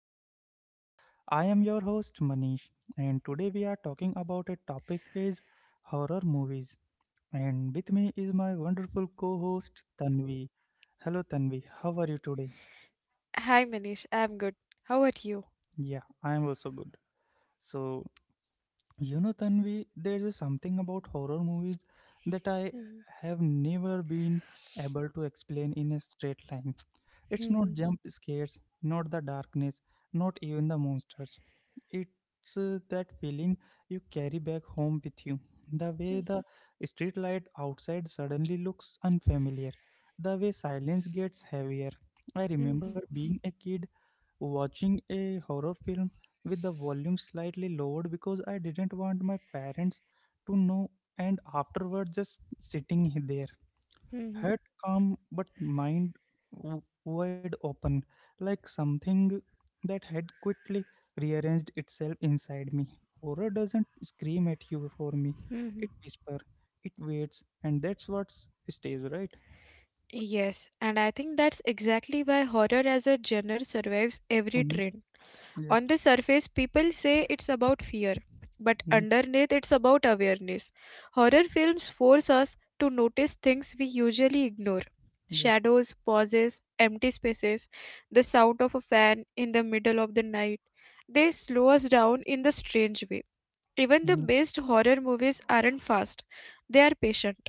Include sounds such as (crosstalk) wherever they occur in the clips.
the podcast. I am your host Manish, and today we are talking about a topic is horror movies. And with me is my wonderful co-host Tanvi. Hello, Tanvi. How are you today? Hi Manish, I'm good. How about you? Yeah, I am also good. So you know, Tanvi, there's something about horror movies that I have never been able to explain in a straight line. It's not (laughs) jump scares, not the darkness, not even the monsters. It's that feeling you carry back home with you. The way the street light outside suddenly looks unfamiliar, the way silence gets heavier. I remember being a kid watching a horror film with the volume slightly lowered because I didn't want my parents to know, and afterward just sitting there, head calm but mind wide open, like something that had quickly rearranged itself inside me. Horror doesn't scream at you. For me, it whispers, it waits, and that's what stays, right? Yes, and I think that's exactly why horror as a genre survives every Hmm. trend. Yeah. On the surface, people say it's about fear, but Hmm. underneath, it's about awareness. Horror films force us to notice things we usually ignore Yeah. shadows, pauses, empty spaces, the sound of a fan in the middle of the night. They slow us down in the strange way. Even the Hmm. best horror movies aren't fast, they are patient.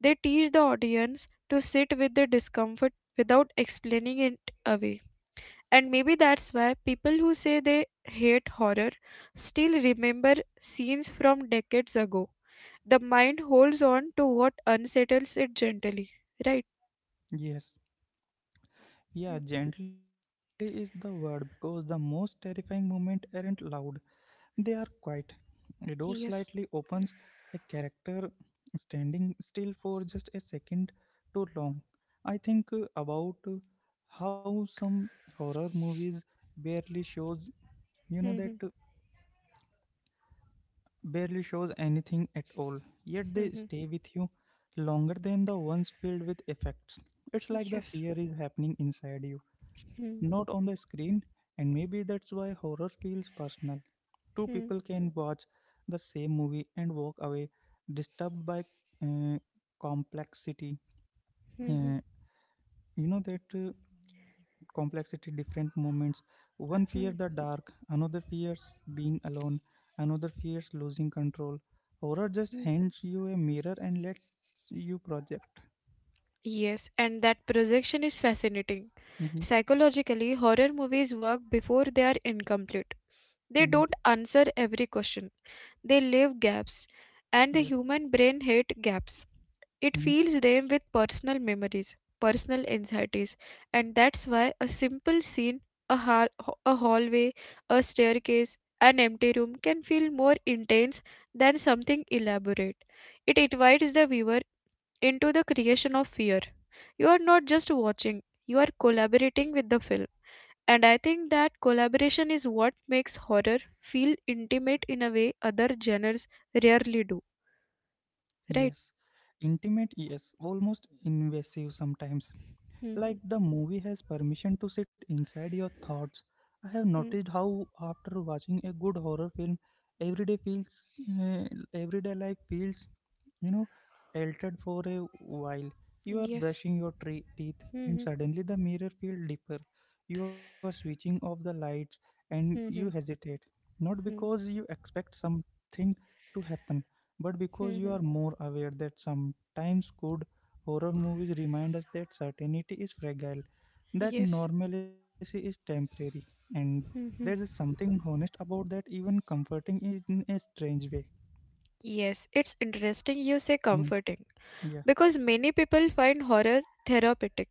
They teach the audience to sit with the discomfort without explaining it away. And maybe that's why people who say they hate horror still remember scenes from decades ago. The mind holds on to what unsettles it gently, right? Yes. Hmm. Yeah, gently is the word because the most terrifying moments aren't loud, they are quiet. A door slightly Yes. opens, a character standing still for just a second too long. I think about how some horror movies barely shows, you know Hmm, that hmm, barely shows anything at all, yet hmm, they hmm. stay with you longer than the ones filled with effects. It's like the Yes. fear is happening inside you, Hmm, not on the screen, and maybe that's why horror feels personal. Two hmm, people can watch the same movie and walk away disturbed by uh, complexity. hmm, hmm, Uh, you know that complexity, different moments. One hmm, fears the dark, another fears being alone, another fears losing control. Horror just hmm. hands you a mirror and lets you project. Yes, and that projection is fascinating. Mm-hmm. Psychologically, horror movies work before they are incomplete. Mm-hmm. They don't answer every question, they leave gaps, and Yeah. the human brain hates gaps. It Mhm. fills them with personal memories, personal anxieties, and that's why a simple scene, a, hall- a hallway, a staircase, an empty room can feel more intense than something elaborate. It invites the viewer into the creation of fear. You are not just watching, you are collaborating with the film. And I think that collaboration is what makes horror feel intimate in a way other genres rarely do. Right? Yes, intimate, yes, almost invasive sometimes. Mhm. Like the movie has permission to sit inside your thoughts. I have Mhm. noticed how after watching a good horror film, everyday feels uh, everyday life feels, you know, altered for a while. You are Yes. brushing your teeth, and Mhm, suddenly the mirror feels deeper. You are switching off the lights and you mhm, hesitate, not because mhm, you expect something to happen, but because you mhm. are more aware that sometimes good horror movies remind us that certainty is fragile, that Yes. normalcy is temporary, and there is Mhm. something honest about that, even comforting in a strange way. Yes, it's interesting you say Mm, comforting yeah. because many people find horror therapeutic.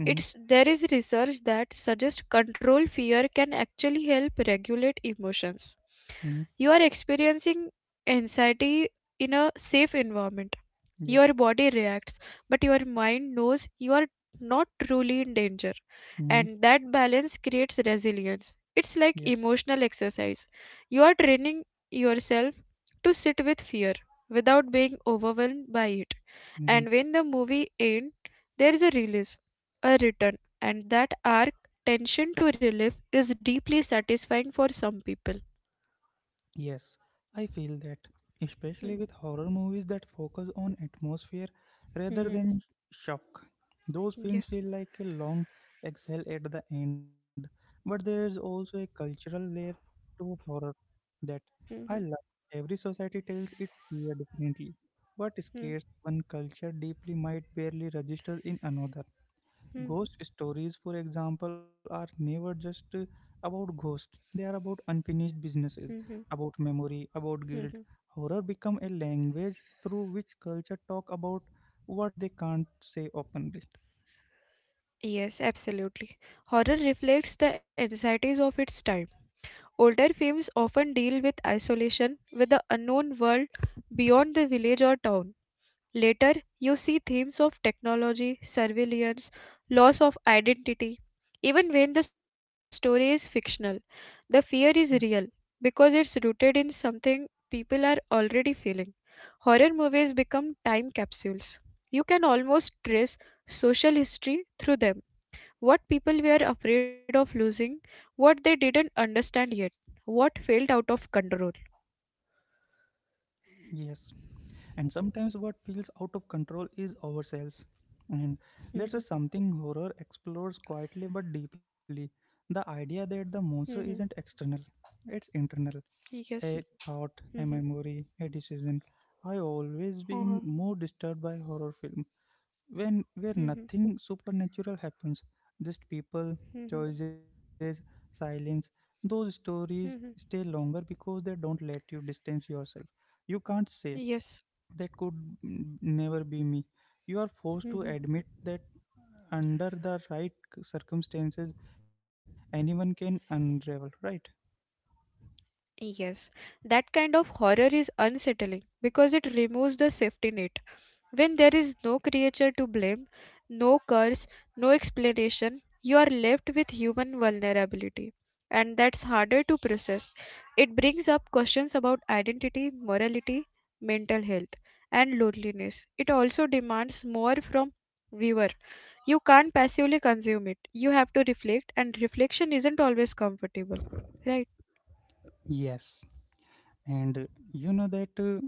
Hmm. It's there is research that suggests control fear can actually help regulate emotions. Hmm. You are experiencing anxiety in a safe environment. Yeah. Your body reacts, but your mind knows you are not truly in danger. Hmm. And that balance creates resilience. It's Yeah. like emotional exercise. You are training yourself to sit with fear without being overwhelmed by it. Hmm. And when the movie ends, there is a release, a return, and that arc tension to relief is deeply satisfying for some people. Yes, I feel that, especially with horror movies that focus on atmosphere rather Hmm. than shock. Those films feel Yes. like a long exhale at the end, but there's also a cultural layer to horror that I love. Mhm, Every society tells its fear differently. What scares mhm, one culture deeply might barely register in another. Ghost stories, for example, are never just about ghosts, they are about mhm, unfinished mhm, businesses, about memory, mhm. about guilt. Horror become a language through which culture talk about what they can't say openly. Yes, absolutely. Horror reflects the anxieties of its time. Older films often deal with isolation, with the unknown world beyond the village or town. Later, you see themes of technology, surveillance, loss of identity. Even when the story is fictional, the fear is real Yeah. because it's rooted in something people are already feeling. Horror movies become time capsules. You can almost trace social history through them. What people were afraid of losing, what they didn't understand yet, what failed out of control. Yes. And sometimes what feels out of control is ourselves. And that's Mhm, a something horror explores quietly but deeply. The idea that the monster mhm. isn't external, it's internal. Yes. A thought, a Mhm, memory, a decision. I always been uh-huh, more disturbed by horror film when where mhm, nothing supernatural happens, just people, mhm, choices, silence. Those stories stay mhm. longer because they don't let you distance yourself. You can't say Yes. that could never be me. You are forced to admit Mhm. that under the right circumstances anyone can unravel, right? Yes. That kind of horror is unsettling because it removes the safety net. When there is no creature to blame, no curse, no explanation, you are left with human vulnerability. And that's harder to process. It brings up questions about identity, morality, mental health, and loneliness. It also demands more from viewer. You can't passively consume it. You have to reflect, and reflection isn't always comfortable. Right? Yes, and you know that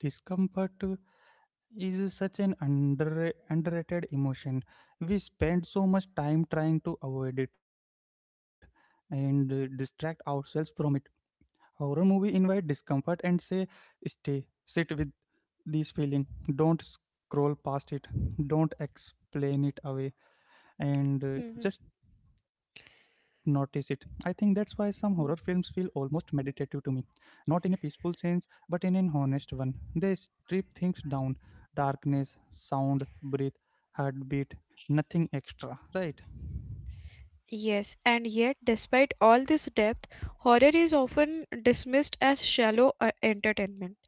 discomfort is such an underrated emotion. We spend so much time trying to avoid it and distract ourselves from it. Horror movie invite discomfort and say, stay, sit with this feeling. Don't scroll past it, don't explain it away, and Mhm. just notice it. I think that's why some horror films feel almost meditative to me. Not in a peaceful sense, but in an honest one. They strip things down: darkness, sound, breath, heartbeat, nothing extra, right? Yes, and yet, despite all this depth, horror is often dismissed as shallow entertainment.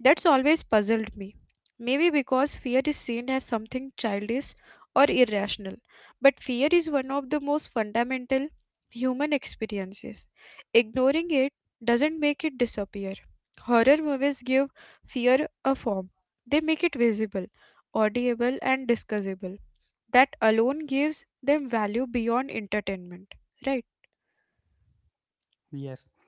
That's always puzzled me. Maybe because fear is seen as something childish or irrational, but fear is one of the most fundamental human experiences. Ignoring it doesn't make it disappear. Horror movies give fear a form, they make it visible, audible, and discussable. That alone gives them value beyond entertainment, right? Yes, exactly.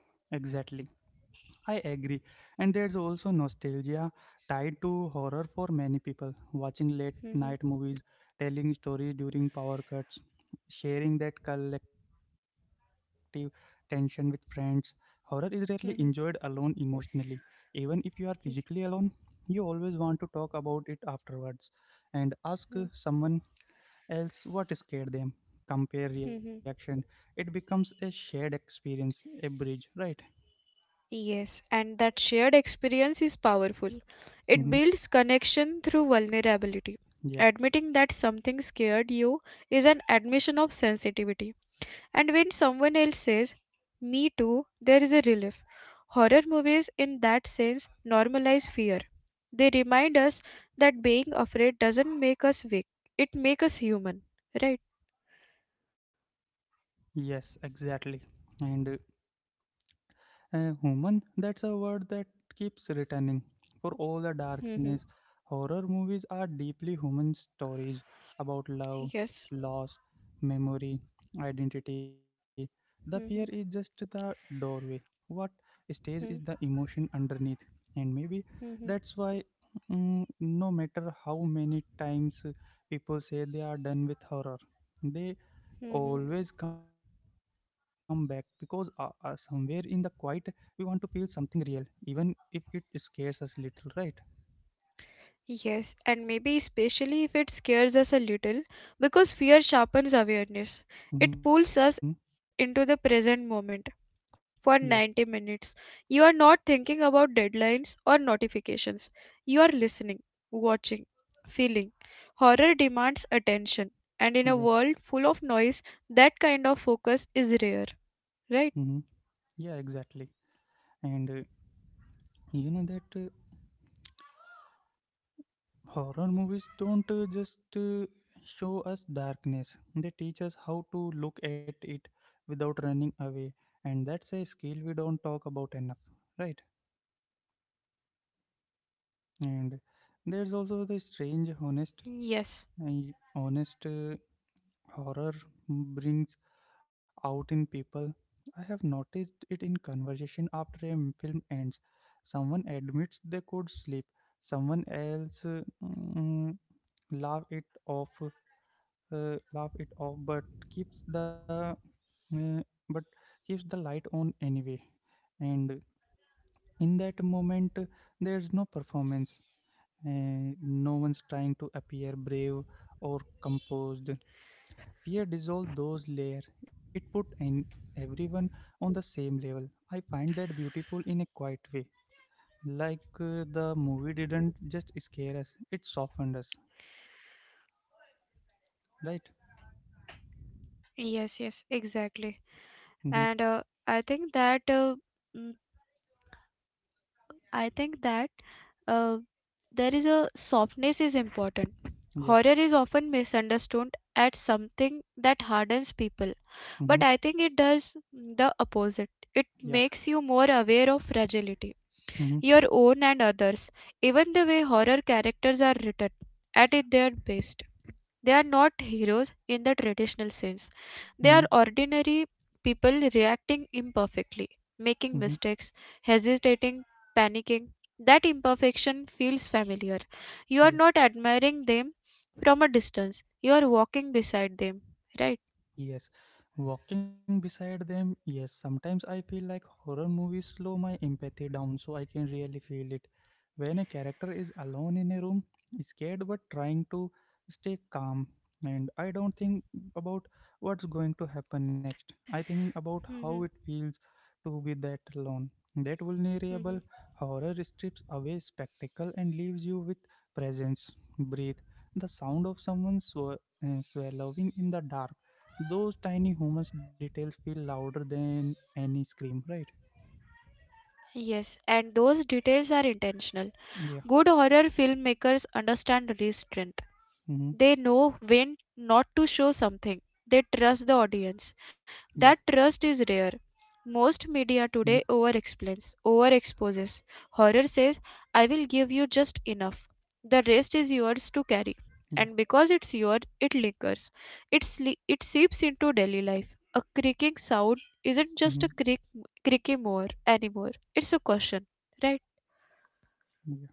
I agree. And there's also nostalgia tied to horror for many people. Watching late night movies, telling stories during power cuts, sharing that collective tension with friends. Horror is rarely enjoyed alone emotionally. Even if you are physically alone, you always want to talk about it afterwards and ask someone else what scared them. Compare reaction. (laughs) It becomes a shared experience, a bridge, right? Yes, and that shared experience is powerful. It Hmm. builds connection through vulnerability. Yeah. Admitting that something scared you is an admission of sensitivity. And when someone else says, Me too, there is a relief. Horror movies, in that sense, normalize fear. They remind us that being afraid doesn't make us weak, it makes us human. Right? Yes, exactly. And human, that's a word that keeps returning. For all the Hmm. darkness, horror movies are deeply human stories about love, Yes. loss, memory, identity. The fear is Hmm. just the doorway. What stays is the Hmm. emotion underneath. And maybe Hmm. that's why, no matter how many times people say they are done with horror, they Hmm. always come back because somewhere in the quiet we want to feel something real, even if it scares us little, right? Yes, and maybe especially if it scares us a little, because fear sharpens awareness. Mm-hmm. It pulls us into the present moment Yeah. for 90 minutes. You are not thinking about deadlines or notifications. You are listening, watching, feeling. Horror demands attention, and in a Yeah. world full of noise, that kind of focus is rare, Mm-hmm. right? Yeah, exactly. And you know that horror movies don't just show us darkness, they teach us how to look at it without running away, and that's a skill we don't talk about enough, right? And there's also the strange honest Yes, uh, honest uh, horror brings out in people. I have noticed it in conversation after a film ends. Someone admits they could sleep, someone else laugh it off, but keeps the uh, but light on anyway. And in that moment, there's no performance. No one's trying to appear brave or composed. Fear dissolved those layers. It put in everyone on the same level. I find that beautiful in a quiet way. Like the movie didn't just scare us, it softened us, right? yes, yes, exactly. Mm-hmm. And I think that uh, there is a softness is important. Yeah. Horror is often misunderstood as something that hardens people, but I Mm-hmm. think it does the opposite. It Yeah. makes you more aware of fragility, Mm-hmm. your own and others, even the way horror characters are written at it their best. They are not heroes in the traditional sense. They Yeah. are Mm-hmm. ordinary people reacting imperfectly, making Mm-hmm. mistakes, hesitating, panicking. That imperfection feels familiar. You are not Yeah. admiring them from a distance, you are walking beside them, right? Yes, walking beside them. Yes, sometimes I feel like horror movies slow my empathy down so I can really feel it. When a character is alone in a room, scared but trying to stay calm, and I don't think about what's going to happen next. I think about how Mhm. it feels to be that alone. That vulnerable Mhm. horror strips away spectacle and leaves you with presence. Breathe. The sound of someone swallowing in the dark, those tiny humans details feel louder than any scream, right? Yes, and those details are intentional. Yeah. Good horror filmmakers understand restraint. Mm-hmm. They know when not to show something. They trust the Yeah. audience. That trust is rare. Most Mm-hmm. media today over explains, over exposes. Horror says, I will give you just enough. The rest is yours to carry. Yeah. And because it's yours, it lingers. It seeps into daily life. A creaking sound isn't Mm-hmm. just a creak, creaky more anymore. It's a question, right? Yeah.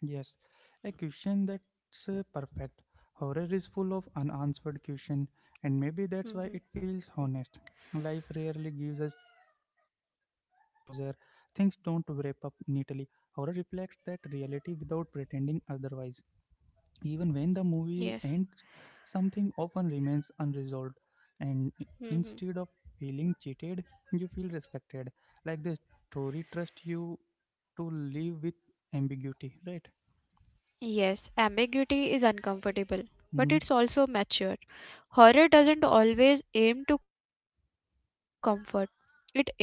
Yes. A question that's perfect. Horror is full of unanswered question, and maybe that's why it Hmm. feels honest. Life rarely gives us closure. Things don't wrap up neatly. Horror reflects that reality without pretending otherwise. Even when the movie ends, Yes. something often remains unresolved, and Hmm. instead of feeling cheated, you feel respected, like the story trusts you to live with ambiguity, right? Yes, ambiguity is uncomfortable, but Mm-hmm. it's also mature. Horror doesn't always aim to comfort, it aims to reveal.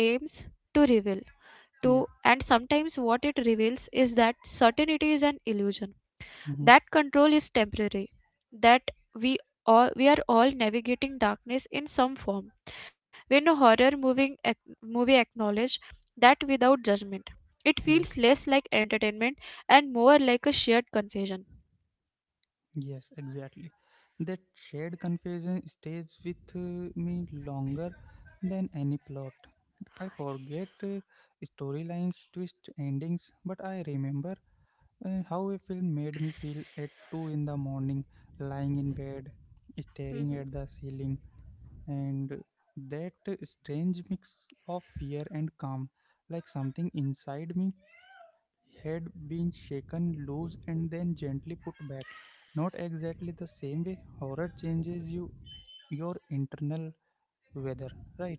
To and sometimes what Yeah. it reveals is that certainty is an illusion. That control is Mm-hmm. temporary. That we we are all navigating darkness in some form. When a horror movie acknowledges that without judgment, it feels less Yeah. like entertainment and more like a shared confession. Yes, exactly. That shared confession stays with me longer than any plot. I forget storylines, twist endings, but I remember how a film made me feel at 2 in the morning, lying in bed, staring at (laughs) the ceiling, and that strange mix of fear and calm, like something inside me had been shaken loose and then gently put back. Not exactly the same way horror changes you, your internal weather, right?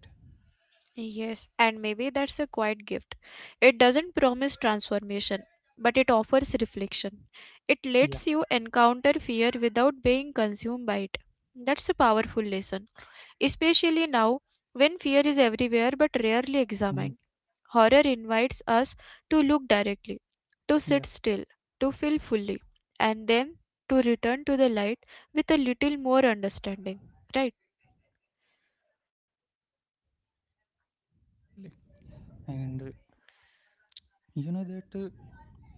Yes, and maybe that's a quiet gift. It Hmm. doesn't promise transformation, but it offers Yeah. reflection. It lets you encounter fear without being consumed by it. That's a powerful lesson, especially now when fear is everywhere but rarely Hmm. examined. Horror invites us to look directly, to Yeah. sit still, to feel fully, and then to return to the light with a little more understanding. Right? Yes, exactly. And you know that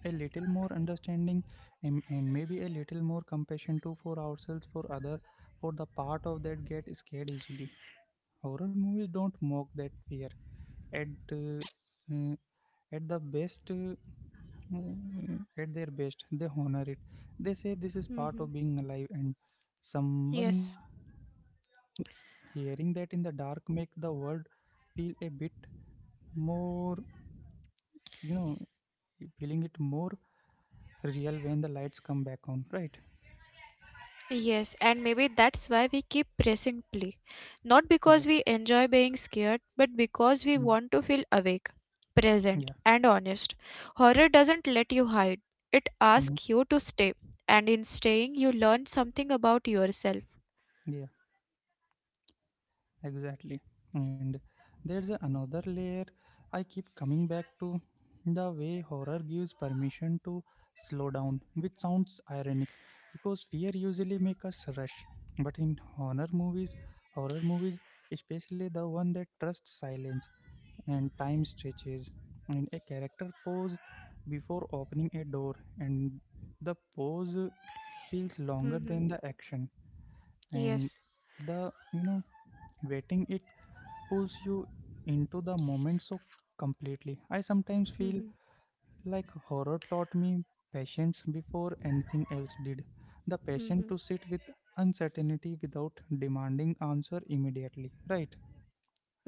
a little more understanding, and maybe a little more compassion too, for ourselves, for other, for the part of that get scared easily. Horror movies don't mock that fear at uh, uh, at the best at their best. They honor it. They say this is part of Hmm. being alive, and someone Yes. hearing that in the dark make the world feel a bit more, you know feeling it more real when the lights come back on, right? Yes, and maybe that's why we keep pressing play. Not Yeah. because we enjoy being scared, but because we Mm. want to feel awake, present, Yeah. and honest. Horror doesn't let you hide, it Mm. asks you to stay. And in staying, you learn something about yourself. Yeah, exactly. And there's another layer I keep coming back to, the way horror gives permission to slow down, which sounds ironic because fear usually makes us rush. But in horror movies, horror movies especially the one that trusts silence and time stretches, and a character pose before opening a door, and the pose feels longer Hmm. than the action and Yes. the, waiting, it pulls you into the moment so completely I sometimes feel Hmm. like horror taught me patience before anything else did, the patience to sit with uncertainty without demanding answer immediately, right?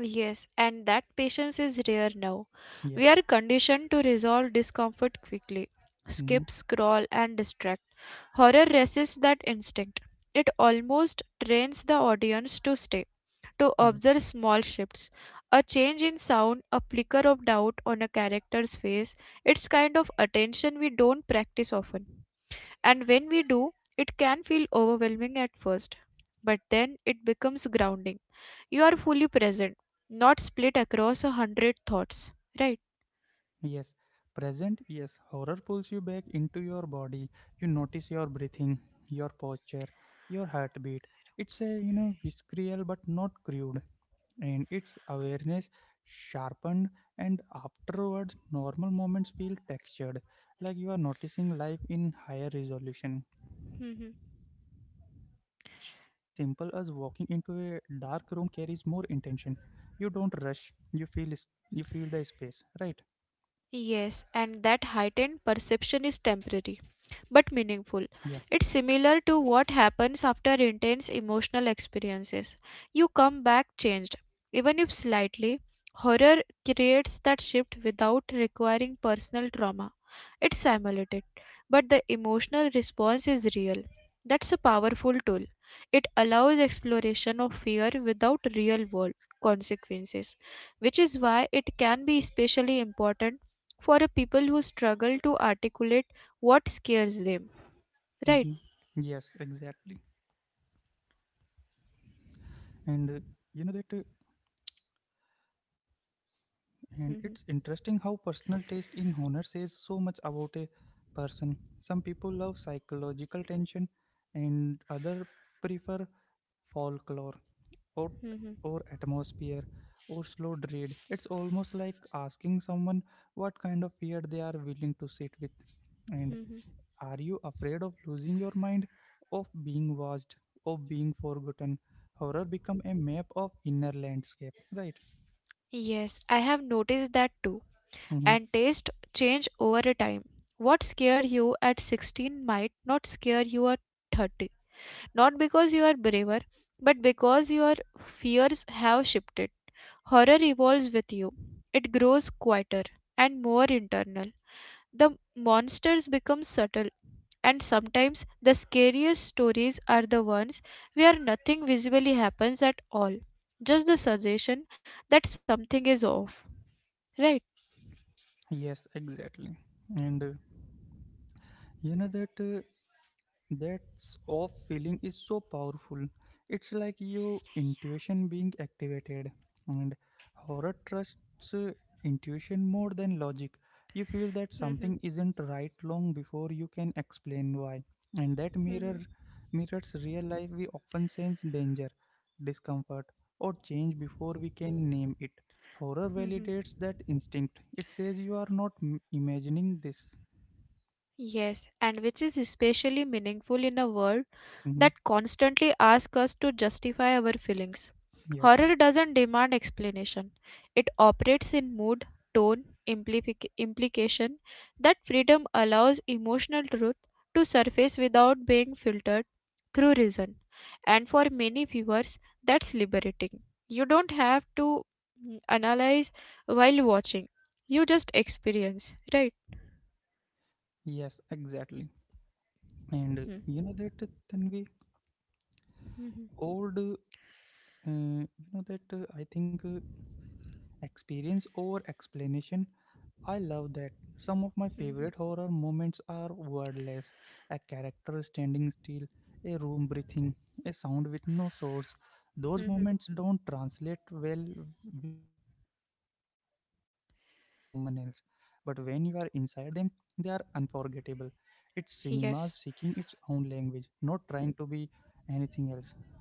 Yes, and that patience is rare now. Yeah. We are conditioned to resolve discomfort quickly, Mm-hmm. skip, scroll, and distract. Horror resists that instinct. It almost trains the audience to stay, to Yeah. observe small shifts, a change in sound, a flicker of doubt on a character's face. It's kind of attention we don't practice often. And when we do, it can feel overwhelming at first, but then it becomes grounding. You are fully present, not split across a hundred thoughts, right? Yes, present, yes. Horror pulls you back into your body. You notice your breathing, your posture, your heartbeat. It's a, visceral but not crude. And its awareness sharpened, and afterward, normal moments feel textured, like you are noticing life in higher resolution. Even (laughs) something as simple as walking into a dark room carries more intention. You don't rush, you feel, you feel the space, right? Yes, and that heightened perception is temporary but meaningful. Yeah. It's similar to what happens after intense emotional experiences. You come back changed, even if slightly. Horror creates that shift without requiring personal trauma. It's simulated, but the emotional response is real. That's a powerful tool. It allows exploration of fear without real world consequences, which is why it can be especially important for a people who struggle to articulate what scares them, right? Hmm. Yes, exactly. And you know that, and it's Mm-hmm. interesting how personal taste in honor says so much about a person. Some people love psychological tension, and other prefer folklore or Mm-hmm. Atmosphere or slow read. It's almost like asking someone what kind of fear they are willing to sit with. And Mm-hmm. are you afraid of losing your mind, of being watched, of being forgotten? Horror become a map of inner landscape, right? Yes, I have noticed that too. Hmm. And taste change over a time. What scared you at 16 might not scare you at 30. Not because you are braver, but because your fears have shifted. Horror evolves with you. It grows quieter and more internal. The monsters become subtle. And sometimes the scariest stories are the ones where nothing visibly happens at all, just the suggestion that something is off, right? Yes, exactly. And you know that. That off feeling is so powerful. It's like your intuition being activated. And horror trusts uh, intuition more than logic. You feel that Mhm, something isn't right long before you can explain why. And that mhm, mirrors real life. We often sense danger, discomfort, or change before we can name it. Horror mhm. validates that instinct. It says you are not imagining this. Yes, and which is especially meaningful in a world Mhm. that constantly ask us to justify our feelings. Yeah. Horror doesn't demand explanation, it operates in mood, tone, implication. That freedom allows emotional truth to surface without being filtered through reason. And for many viewers, that's liberating. You don't have to analyze while watching, you just experience, right? Yes, exactly. And Hmm. you know that Tanvi, Mhm. old, you know that I think experience over explanation, I love that. Some of my Mhm. favorite horror moments are wordless: a character standing still, a room breathing, a sound with no source. Those Mhm. moments don't translate well when you describe them to someone else, but when you are inside them, they are unforgettable. It's cinema seeking its Yes. own language, not trying to be anything else, right?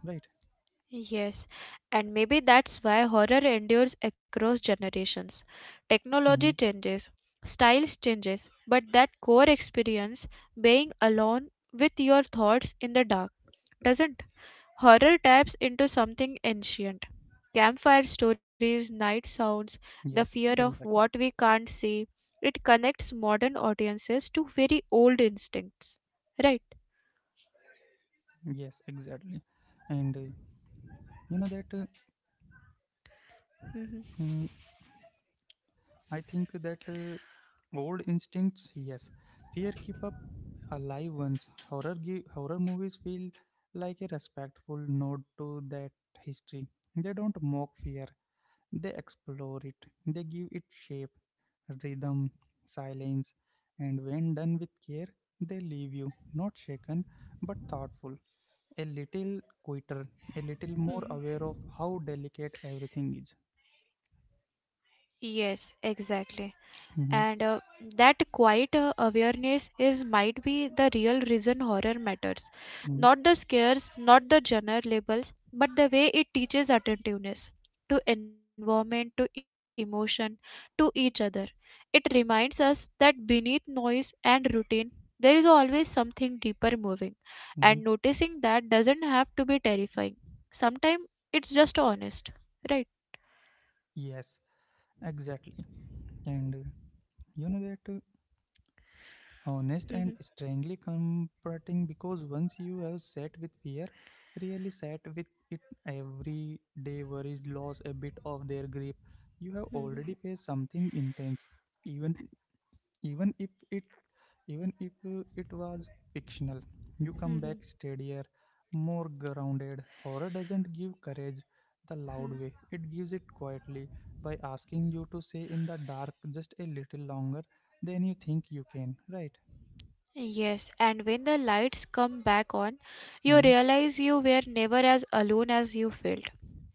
Yes, and maybe that's why horror endures across generations. Technology Hmm. changes, styles changes, but that core experience, being alone with your thoughts in the dark, doesn't. Horror taps into something ancient. Campfire stories, night Yes, sounds, exactly. the fear of what we can't see. It connects modern audiences to very old instincts. Right? Yes, exactly. And you know that. Mhm. Mm, I think that old instincts, yes, fear keep up alive ones. Horror movies feel like a respectful nod to that history. They don't mock fear; they explore it. They give it shape, rhythm, silence, and when done with care, they leave you not shaken but thoughtful, a little quieter, a little more Mhm. aware of how delicate everything is. Yes, exactly. and Mhm, uh, that quiet awareness is might be the real reason horror matters, mhm, not the scares, not the genre labels, but the way it teaches attentiveness to environment, to emotion, to each other. It reminds us that beneath noise and routine there is always something deeper moving, and mhm. noticing that doesn't have to be terrifying. Sometimes it's just honest, right? Yes, exactly. And you know that Honest and strangely comforting, because once you have sat with fear, really sat with it, every day worries lost a bit of their grip. You have already faced something intense, even even if it even if it was fictional. You come back steadier, more grounded. Horror doesn't give courage the loud way; (laughs) it gives it quietly, by asking you to stay in the dark just a little longer than you think you can, right? Yes, and when the lights come back on, you Hmm. realize you were never as alone as you felt.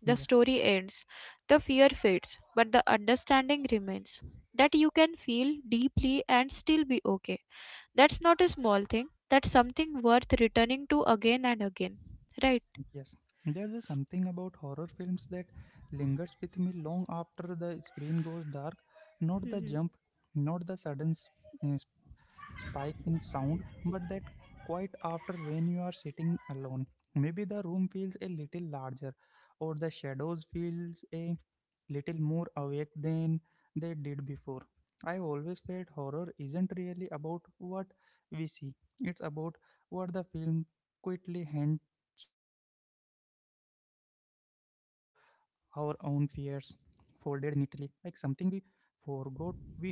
The Yeah. story ends, the fear fades, but the understanding remains that you can feel deeply and still be okay. That's not a small thing, that's something worth returning to again and again. Right? Yes, there's a something about horror films that lingers with me long after the screen goes dark. Not the Mhm. jump, not the sudden uh, spike in sound, but that quite after, when you are sitting alone. Maybe the room feels a little larger, or the shadows feels a little more awake than they did before. I always felt horror isn't really about what we see; it's about what the film quickly hands back to us, our own fears, folded neatly like something we forgot we owned.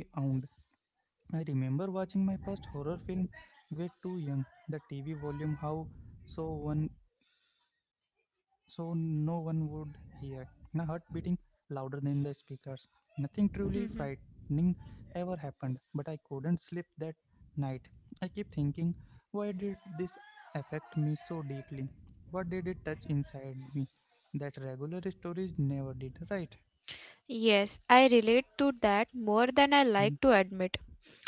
I remember watching my first horror film way too young. The TV volume how so one, so no one would hear. My heart beating louder than the speakers. Nothing truly Mhm. frightening ever happened, but I couldn't sleep that night. I kept thinking, why did this affect me so deeply? What did it touch inside me that regular stories never did, right? Yes, I relate to that more than I Mm. like to admit.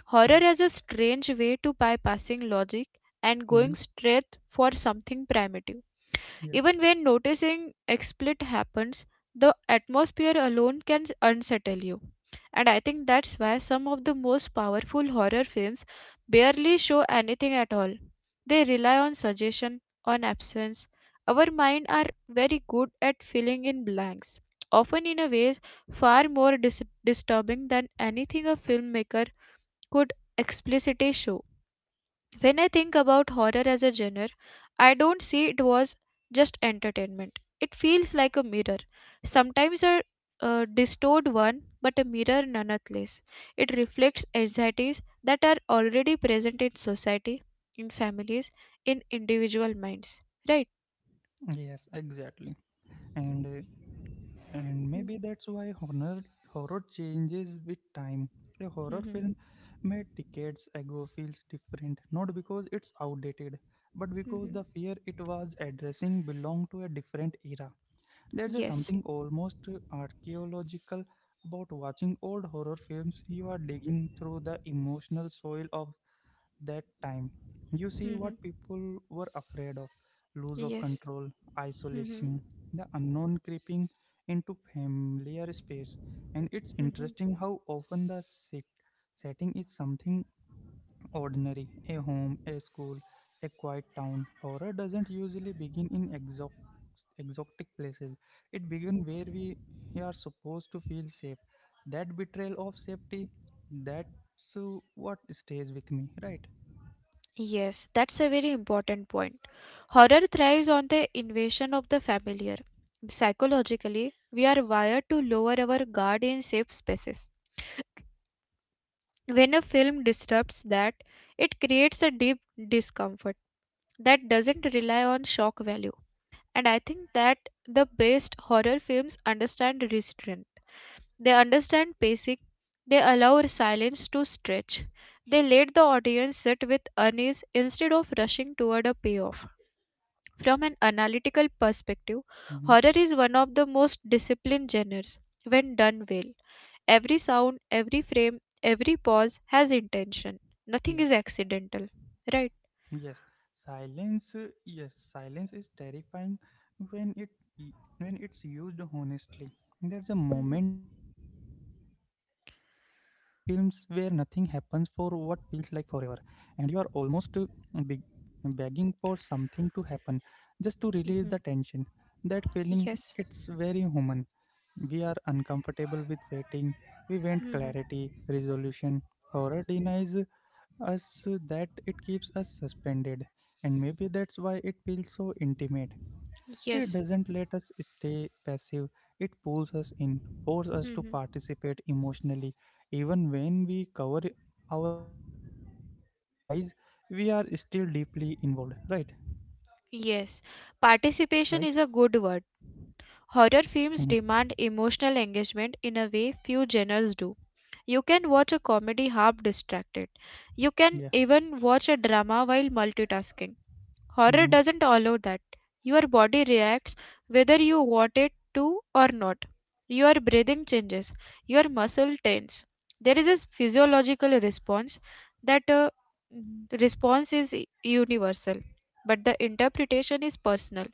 Horror Yeah. as a strange way to bypassing logic and going Mhm. straight for something primitive. Yeah. Even when noticing explicit happens, the atmosphere alone can unsettle you. And I think that's why some of the most powerful horror films barely show anything at all. They rely on suggestion, on absence. Our mind are very good at filling in blanks, often in a ways far more disturbing than anything a filmmaker could explicitly show. When I think about horror as a genre, I don't see it was just entertainment. It feels like a mirror, sometimes a distorted one, but a mirror nonetheless. It reflects anxieties that are already present in society, in families, in individual minds. Right? Yes, exactly. And uh, And Mhm. maybe that's why horror changes with time. A horror Mhm. film made decades ago feels different, not because it's outdated, but because Mhm. the fear it was addressing belonged to a different era. There's a Yes. something almost archaeological about watching old horror films. You are digging through the emotional soil of that time. You see Mhm. what people were afraid of: loss of Yes. control, Mhm. isolation, the unknown creeping into familiar space. And it's Mhm. interesting how often the setting is something ordinary: a home, a school, a quiet town. Horror doesn't usually begin in exotic places, it begins where we are supposed to feel safe. That betrayal of safety, that's what stays with me, right? Yes, that's a very important point. Horror thrives on the invasion of the familiar. Psychologically, we are wired to lower our guard in safe spaces. When a film disrupts that, it creates a deep discomfort that doesn't rely on shock value. And I think that the best horror films understand restraint. They understand pacing. They allow silence to stretch. They let the audience sit with unease instead of rushing toward a payoff. From an analytical perspective, Mm-hmm. horror is one of the most disciplined genres when done well. Every sound, every frame, every pause has intention. Nothing Yeah, is accidental, right? yes. Silence, yes, silence is terrifying when when it's used honestly. There's a Mhm. moment in some films where nothing happens for what feels like forever, and you are almost beg- begging for something to happen just to release the Mhm. tension. That feeling, Yes. it's very human. We are uncomfortable with waiting. We want Mhm. clarity, resolution. Horror denies us that. It keeps us suspended, and maybe that's why it feels so intimate. It Yes. doesn't let us stay passive, it pulls us in, forces us to Mhm. participate emotionally. Even when we cover our eyes, we are still deeply involved, right? Yes. Right? Participation is a good word. Horror Mhm. films demand emotional engagement in a way few genres do. You can watch a comedy half distracted. You can Yeah. even watch a drama while multitasking. Horror Mm-hmm. doesn't allow that. Your body reacts whether you want it to or not. Your breathing changes, your muscle tense. There is a physiological response that response is universal, but the interpretation is personal.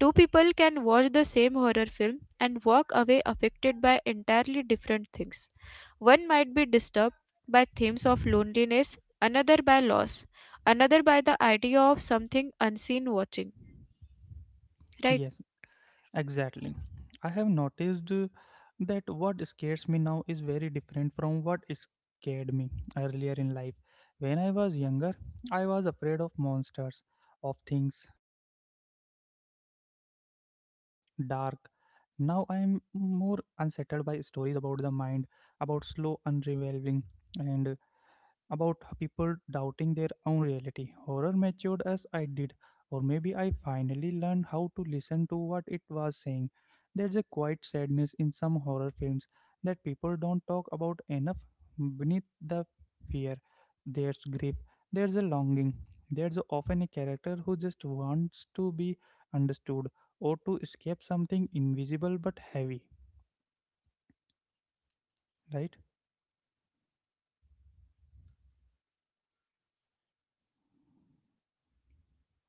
Two people can watch the same horror film and walk away affected by entirely different things. One might be disturbed by themes of loneliness, another by loss another by the idea of something unseen watching, right? Yes. Exactly. I have noticed that what scares me now is very different from what scared me earlier in life. When I was younger, I was afraid of monsters, of things, and lurking in the dark. Now I am more unsettled by stories about the mind, about slow unraveling, and about people doubting their own reality. Horror matured as I did, or maybe I finally learned how to listen to what it was saying. There's a quiet sadness in some horror films that people don't talk about enough. Beneath the fear, there's grief, there's a longing, there's often a character who just wants to be understood or to escape something invisible but heavy, right?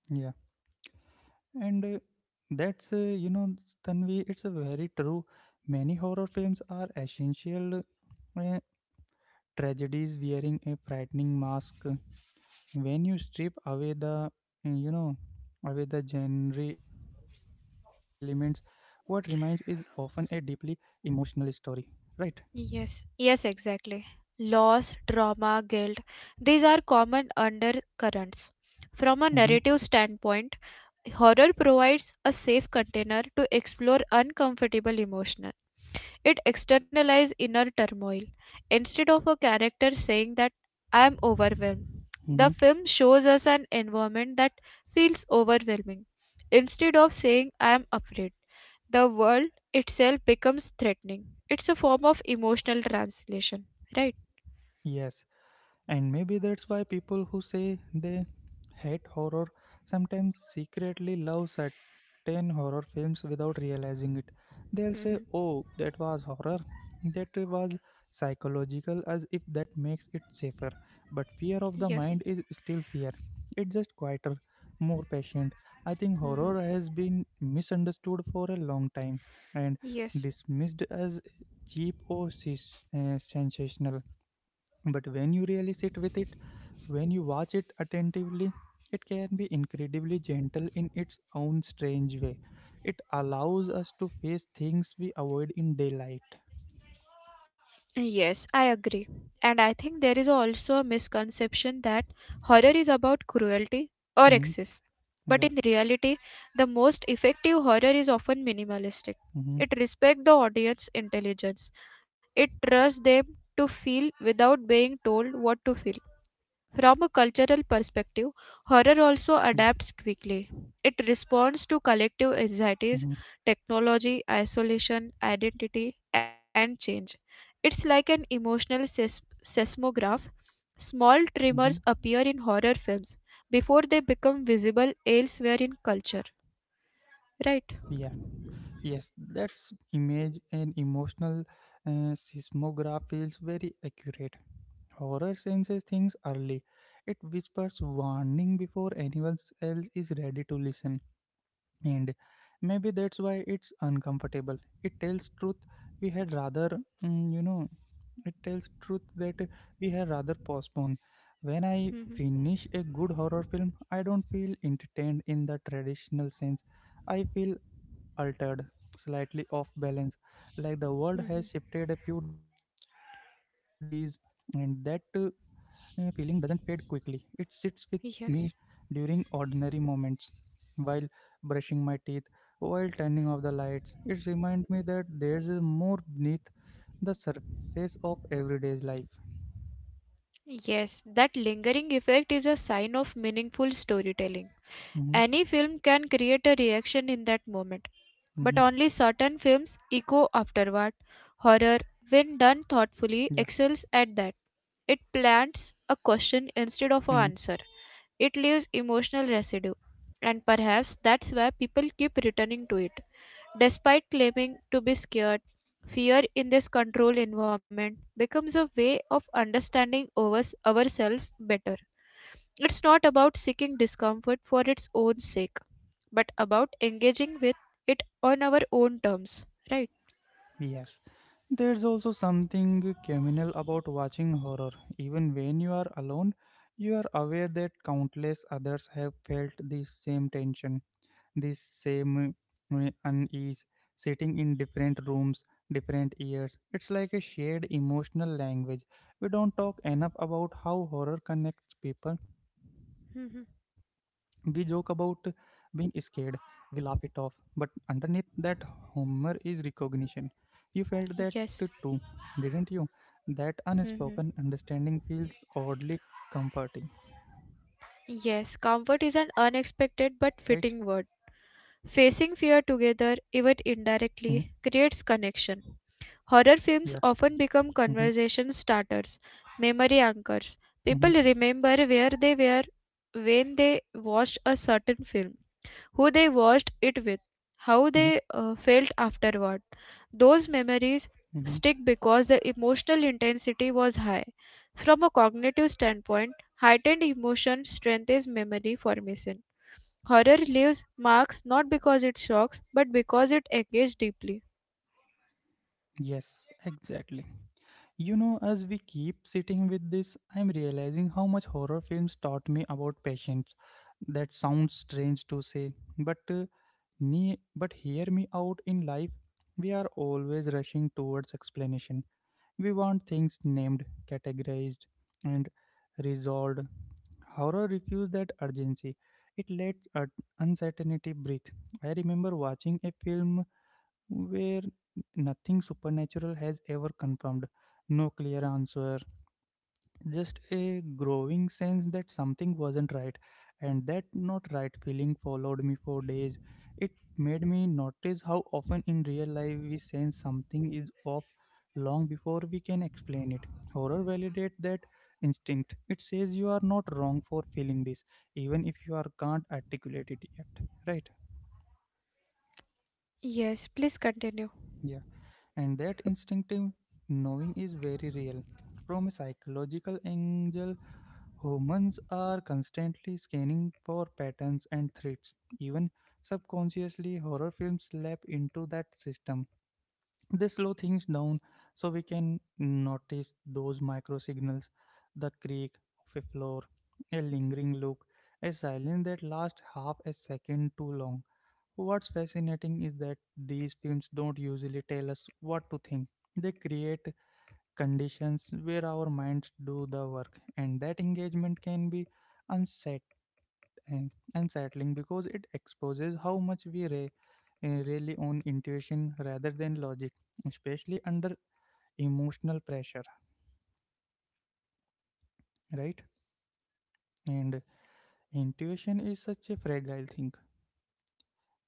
Yeah. And that's, you know, Tanvi, it's a very true. Many horror films are essential uh, tragedies wearing a frightening mask. When you strip uh, you know, away the genre elements, what remains is often a deeply emotional story, right? Yes. Yes, exactly. Loss, trauma, guilt, these are common undercurrents. From a Mm-hmm. narrative standpoint, horror provides a safe container to explore uncomfortable emotions. It externalizes inner turmoil. Instead of a character saying that I am overwhelmed, the Mm-hmm. film shows us an environment that feels overwhelming. Instead of saying I am afraid, the world itself becomes threatening. It's a form of emotional translation, right? Yes. And maybe that's why people who say they hate horror sometimes secretly love certain horror films without realizing it. They'll say, Mm-hmm. "Oh, that was horror, that was psychological," as if that makes it safer. But fear of the Yes. mind is still fear, it's just quieter, more patient. I think horror Mm-hmm. has been misunderstood for a long time and Yes. dismissed as cheap or sensational, but when you really sit with it, when you watch it attentively, it can be incredibly gentle in its own strange way. It allows us to face things we avoid in daylight. Yes, I agree. And I think there is also a misconception that horror is about cruelty or Hmm. excess. But Yeah. in reality, the most effective horror is often minimalistic. Hmm. It respects the audience intelligence. It trusts them to feel without being told what to feel. From a cultural perspective, Yeah. horror also adapts quickly. It responds to collective Hmm. anxieties, technology, isolation, identity, and change. It's like an emotional seismograph. Small tremors Hmm. appear in horror films before they become visible elsewhere in culture. Right? Yeah. Yes, that's image and emotional seismograph feels very accurate. Horror senses things early. It whispers warning before anyone else is ready to listen, and maybe that's why it's uncomfortable. It tells truth we had rather mm, you know it tells truth that we had rather postpone. When I Mhm. finish a good horror film, I don't feel entertained in the traditional sense. I feel altered, slightly off balance, like the world has Mhm. shifted a few degrees. And that feeling doesn't fade quickly. It sits with me Yes. during ordinary moments, while brushing my teeth, while turning off the lights. It reminds me that there's a more beneath the surface of everyday's life. Yes, that lingering effect is a sign of meaningful storytelling. Hmm. Any film can create a reaction in that moment, but Hmm. only certain films echo afterward. Horror, Yeah. when done thoughtfully, excels at that. It plants a question instead Hmm. of an answer. It leaves emotional residue, and perhaps that's why people keep returning to it. Despite claiming to be scared, fear in this controlled environment becomes a way of understanding ourselves better. It's not about seeking discomfort for its own sake, but about engaging with it on our own terms, right? Yes. There's also something communal about watching horror. Even when you are alone, you are aware that countless others have felt the same tension. This same unease, sitting in different rooms, different years. It's like a shared emotional language. We don't talk enough about how horror connects people. We Mhm. joke about being scared, we laugh it off, but underneath that humor is recognition. You felt that Yes. too, didn't you? That Mhm. unspoken understanding feels oddly comforting, Yes, comfort is an right? unexpected but fitting word. Facing fear together, even Mm-hmm. indirectly, creates connection. Horror Yeah. films often become Mm-hmm. conversation starters, memory anchors. Mm-hmm. People remember where they were when they watched a certain film. Who they watched it with, how they felt afterward. Those memories Mm-hmm. stick because the emotional intensity was high. From a cognitive standpoint, heightened emotion strengthens memory formation. Horror leaves marks not because it shocks, but because it engages deeply. Yes, exactly. You know, as we keep sitting with this, I'm realizing how much horror films taught me about patience. That sounds strange to say, but but hear me out. In life, we are always rushing towards explanation. We want things named, categorized, and resolved. Horror refused that urgency. It let uncertainty breathe. I remember watching a film where nothing supernatural has ever confirmed. No clear answer, just a growing sense that something wasn't right. And that not right feeling followed me for days. It made me notice how often in real life we sense something is off long before we can explain it. Horror validates that instinct. It says you are not wrong for feeling this, even if you are can't articulate it yet. Right? Yes, please continue. Yeah, and that instinctive knowing is very real. From a psychological angle, humans are constantly scanning for patterns and threats. Even subconsciously, horror films slap into that system. They slow things down so we can notice those micro signals: the creak of a floor, a lingering look, a silence that lasts half a second too long. What's fascinating is that these films don't usually tell us what to think. They create conditions where our minds do the work, and that engagement can be unset- eh, unsettling because it exposes how much we really on intuition rather than logic, especially under emotional pressure, right? And intuition is such a fragile thing,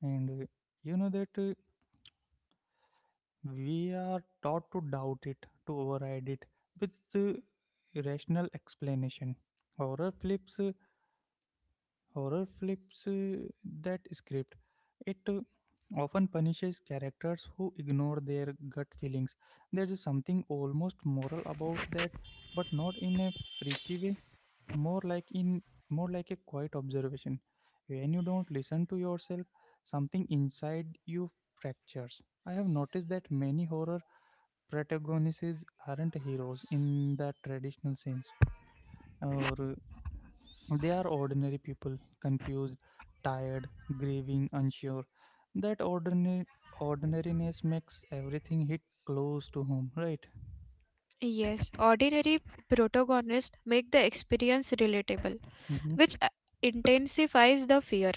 and eh, you know that we are taught to doubt it, to override it with the rational explanation. Horror flips, uh, Horror flips that script. It often punishes characters who ignore their gut feelings. There is something almost moral about that, but not in a preachy way. More like in More like a quiet observation. When you don't listen to yourself, something inside you fractures. I have noticed that many horror protagonists aren't heroes in that traditional sense, or they are ordinary people, confused, tired, grieving, unsure. That ordinary ordinariness makes everything hit close to home, right? Yes, ordinary protagonists make the experience relatable. Mm-hmm. Which intensifies the fear.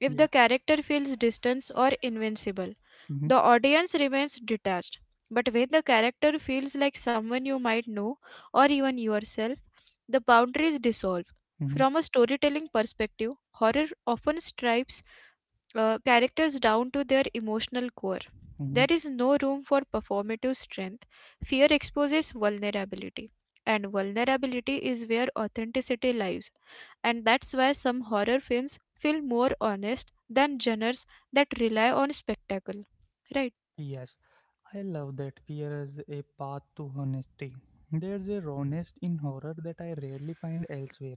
If Yeah. the character feels distant or invincible, Mm-hmm. the audience remains detached. But when the character feels like someone you might know or even yourself, the boundaries dissolve. Mm-hmm. From a storytelling perspective, horror often strips characters down to their emotional core. Mm-hmm. There is no room for performative strength. Fear exposes vulnerability, and vulnerability is where authenticity lives and that's why some horror films feel more honest than genres that rely on spectacle. Right? Yes, I love that fear as a path to honesty. There's a rawness in horror that I rarely find elsewhere.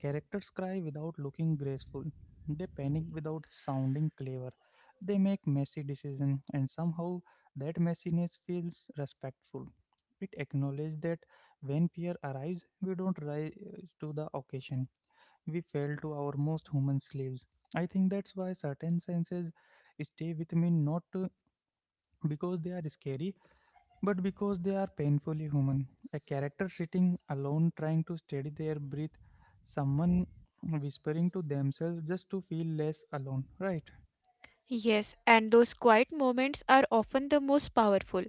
Characters cry without looking graceful. They panic without sounding clever. They make messy decisions, and somehow that messiness feels respectful. It acknowledges that when fear arrives, we don't rise to the occasion. We fail to our most human slaves. I think that's why certain senses stay with me, not because they are scary, but because they are painfully human. A character sitting alone trying to steady their breath, someone whispering to themselves just to feel less alone, right? Yes, and those quiet moments are often the most powerful.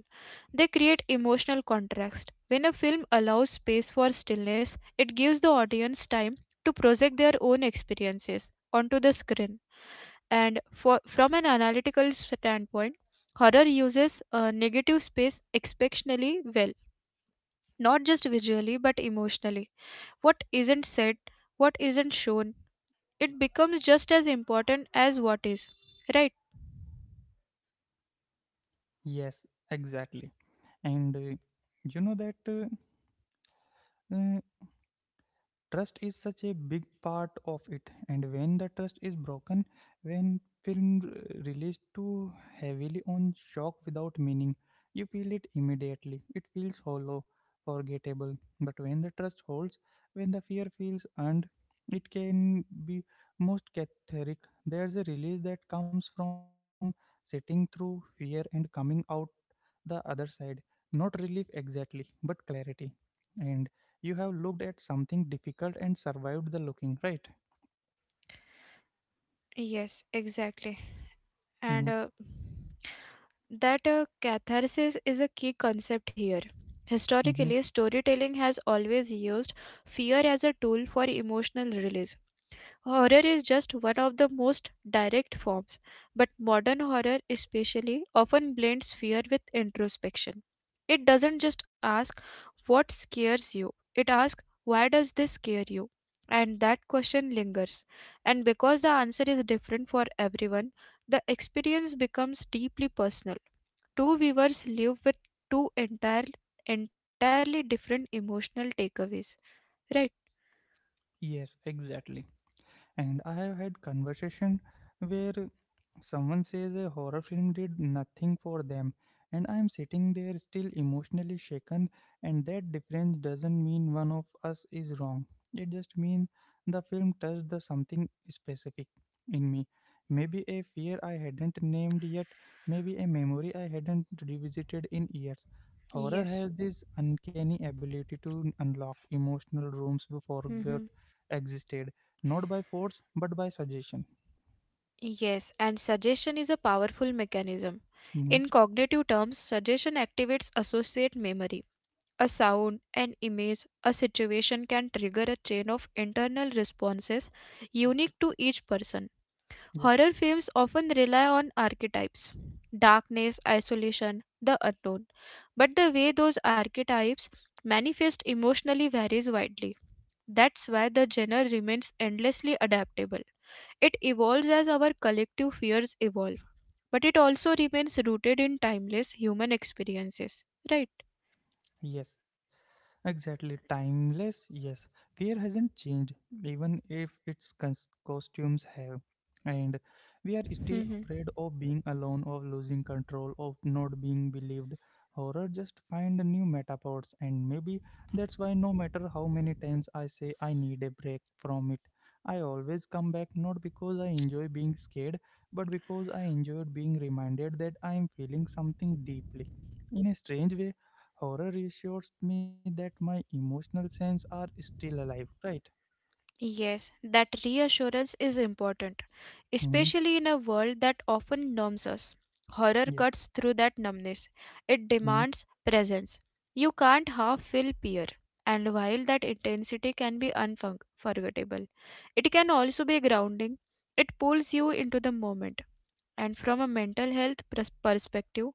They create emotional contrast. When a film allows space for stillness, it gives the audience time to project their own experiences onto the screen. And for, from an analytical standpoint, horror uses negative space exceptionally well. Not just visually but emotionally. What isn't said, what isn't shown, it becomes just as important as what is. Right? Yes, exactly. And You know that uh, trust is such a big part of it. And when the trust is broken, when relies too heavily on shock without meaning, you feel it immediately. It feels hollow, forgettable. But when the trust holds, when the fear feels earned, it can be most cathartic. There's a release that comes from sitting through fear and coming out the other side, not relief exactly, but clarity. And you have looked at something difficult and survived the looking, right? Yes, exactly. Mm-hmm. And that catharsis is a key concept here. Mm-hmm. Historically, storytelling has always used fear as a tool for emotional release. Horror is just one of the most direct forms, but modern horror, especially, often blends fear with introspection. It doesn't just ask what scares you, it asks why does this scare you? And that question lingers. And because the answer is different for everyone, the experience becomes deeply personal. Two viewers live with two entire, entirely different emotional takeaways, right? Yes, exactly. And I have had conversation where someone says a horror film did nothing for them, and I am sitting there still emotionally shaken. And that difference doesn't mean one of us is wrong. It just means the film touched the something specific in me. Maybe a fear I hadn't named yet, maybe a memory I hadn't revisited in years. Horror Yes. has this uncanny ability to unlock emotional rooms we forgot existed, not by force but by suggestion. Yes, and suggestion is a powerful mechanism. Mhm. In cognitive terms, suggestion activates associate memory. A sound, an image, a situation can trigger a chain of internal responses unique to each person. Yeah. Horror films often rely on archetypes darkness, isolation, the unknown. But the way those archetypes manifest emotionally varies widely. That's why the genre remains endlessly adaptable. It evolves as our collective fears evolve, but it also remains rooted in timeless human experiences, right? Yes. Exactly, timeless, yes. Fear hasn't changed, even if its costumes have. And we are still Mhm. afraid of being alone, of losing control, of not being believed. Horror just find new meta powers, and maybe that's why no matter how many times I say I need a break from it, I always come back, not because I enjoy being scared, but because I enjoyed being reminded that I am feeling something deeply. In a strange way, horror reassures me that my emotional senses are still alive, right? Yes, that reassurance is important, Hmm. especially in a world that often numbs us. Horror Yeah. cuts through that numbness, it Hmm. demands presence. You can't half feel fear, and while that intensity can be unforgettable, it can also be grounding. It pulls you into the moment, and from a mental health perspective,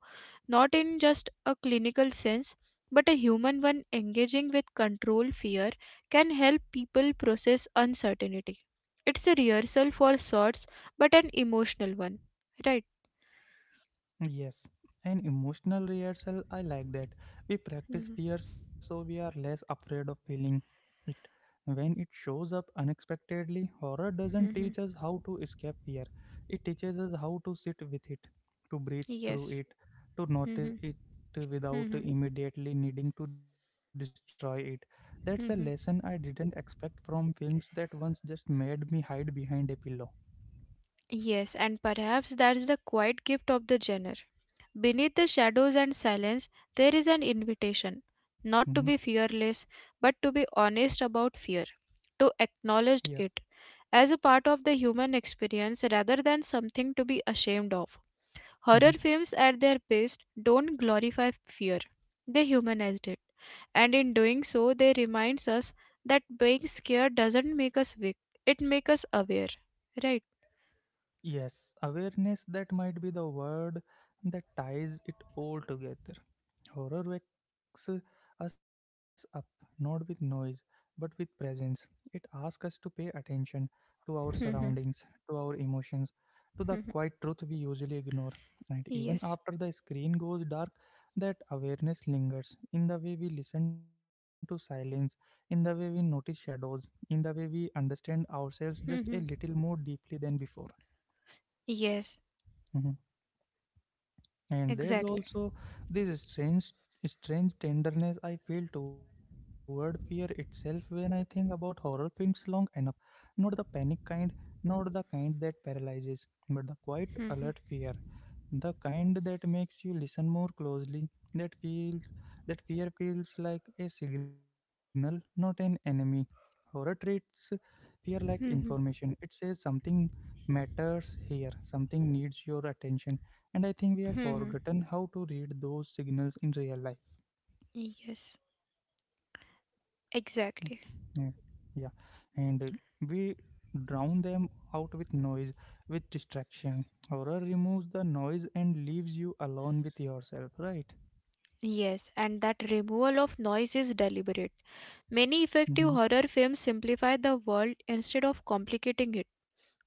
not in just a clinical sense, but a human one engaging with control fear can help people process uncertainty. It's a rehearsal for sorts, but an emotional one, right? Yes, an emotional rehearsal. I like that. We practice Mhm. fear so we are less afraid of feeling it. When it shows up unexpectedly, horror doesn't Mhm. teach us how to escape fear. It teaches us how to sit with it, to breathe Yes. through it, to Mhm. notice it Mhm. without immediately needing to destroy it. That's a lesson Mhm. I didn't expect from films that once just made me hide behind a pillow. Yes, and perhaps that's the quiet gift of the genre. Beneath the shadows and silence, there is an invitation not to be Hmm. fearless, but to be honest about fear, to Yeah. acknowledge it as a part of the human experience rather than something to be ashamed of. Horror Mm-hmm. films, at their best, don't glorify fear, they humanize it. And in doing so, they remind us that being scared doesn't make us weak, it makes us aware. Right? Yes, awareness, that might be the word that ties it all together. Horror wakes us up, not with noise, but with presence. It asks us to pay attention to our surroundings, (laughs) to our emotions, to the quiet truth we usually ignore. And even Yes. after the screen goes dark, that awareness lingers in the way we listen to silence, in the way we notice shadows, in the way we understand ourselves just a little more (laughs) deeply than before. Yes, Mm-hmm. And there's exactly. also this strange tenderness I feel toward fear itself when I think about horror films long enough. Not the panic kind, not the kind that paralyzes, but the quiet, alert (laughs) fear, the kind that makes you listen more closely, that feels, that fear feels like a signal, not an enemy. Horror treats fear like information. Hmm. It says something matters here, something needs your attention. And I think we have Hmm. forgotten how to read those signals in real life. Yes, Mm, exactly. yeah. and We drown them out with noise, with distraction. Horror removes the noise and leaves you alone with yourself, right? Yes, and that removal of noise is deliberate. Mm-hmm. Many effective horror films simplify the world instead of complicating it.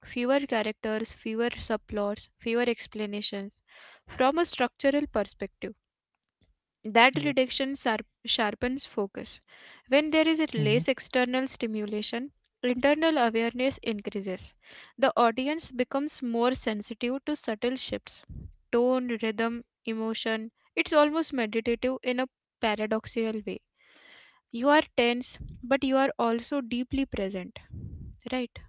Fewer characters, fewer subplots, fewer explanations. From a structural perspective, that Yeah. reduction sharpens focus. Hmm. When there is less external stimulation, internal awareness increases. The audience becomes more sensitive to subtle shifts tone, rhythm, emotion. It's almost meditative in a paradoxical way. You are tense, but you are also deeply present. Right?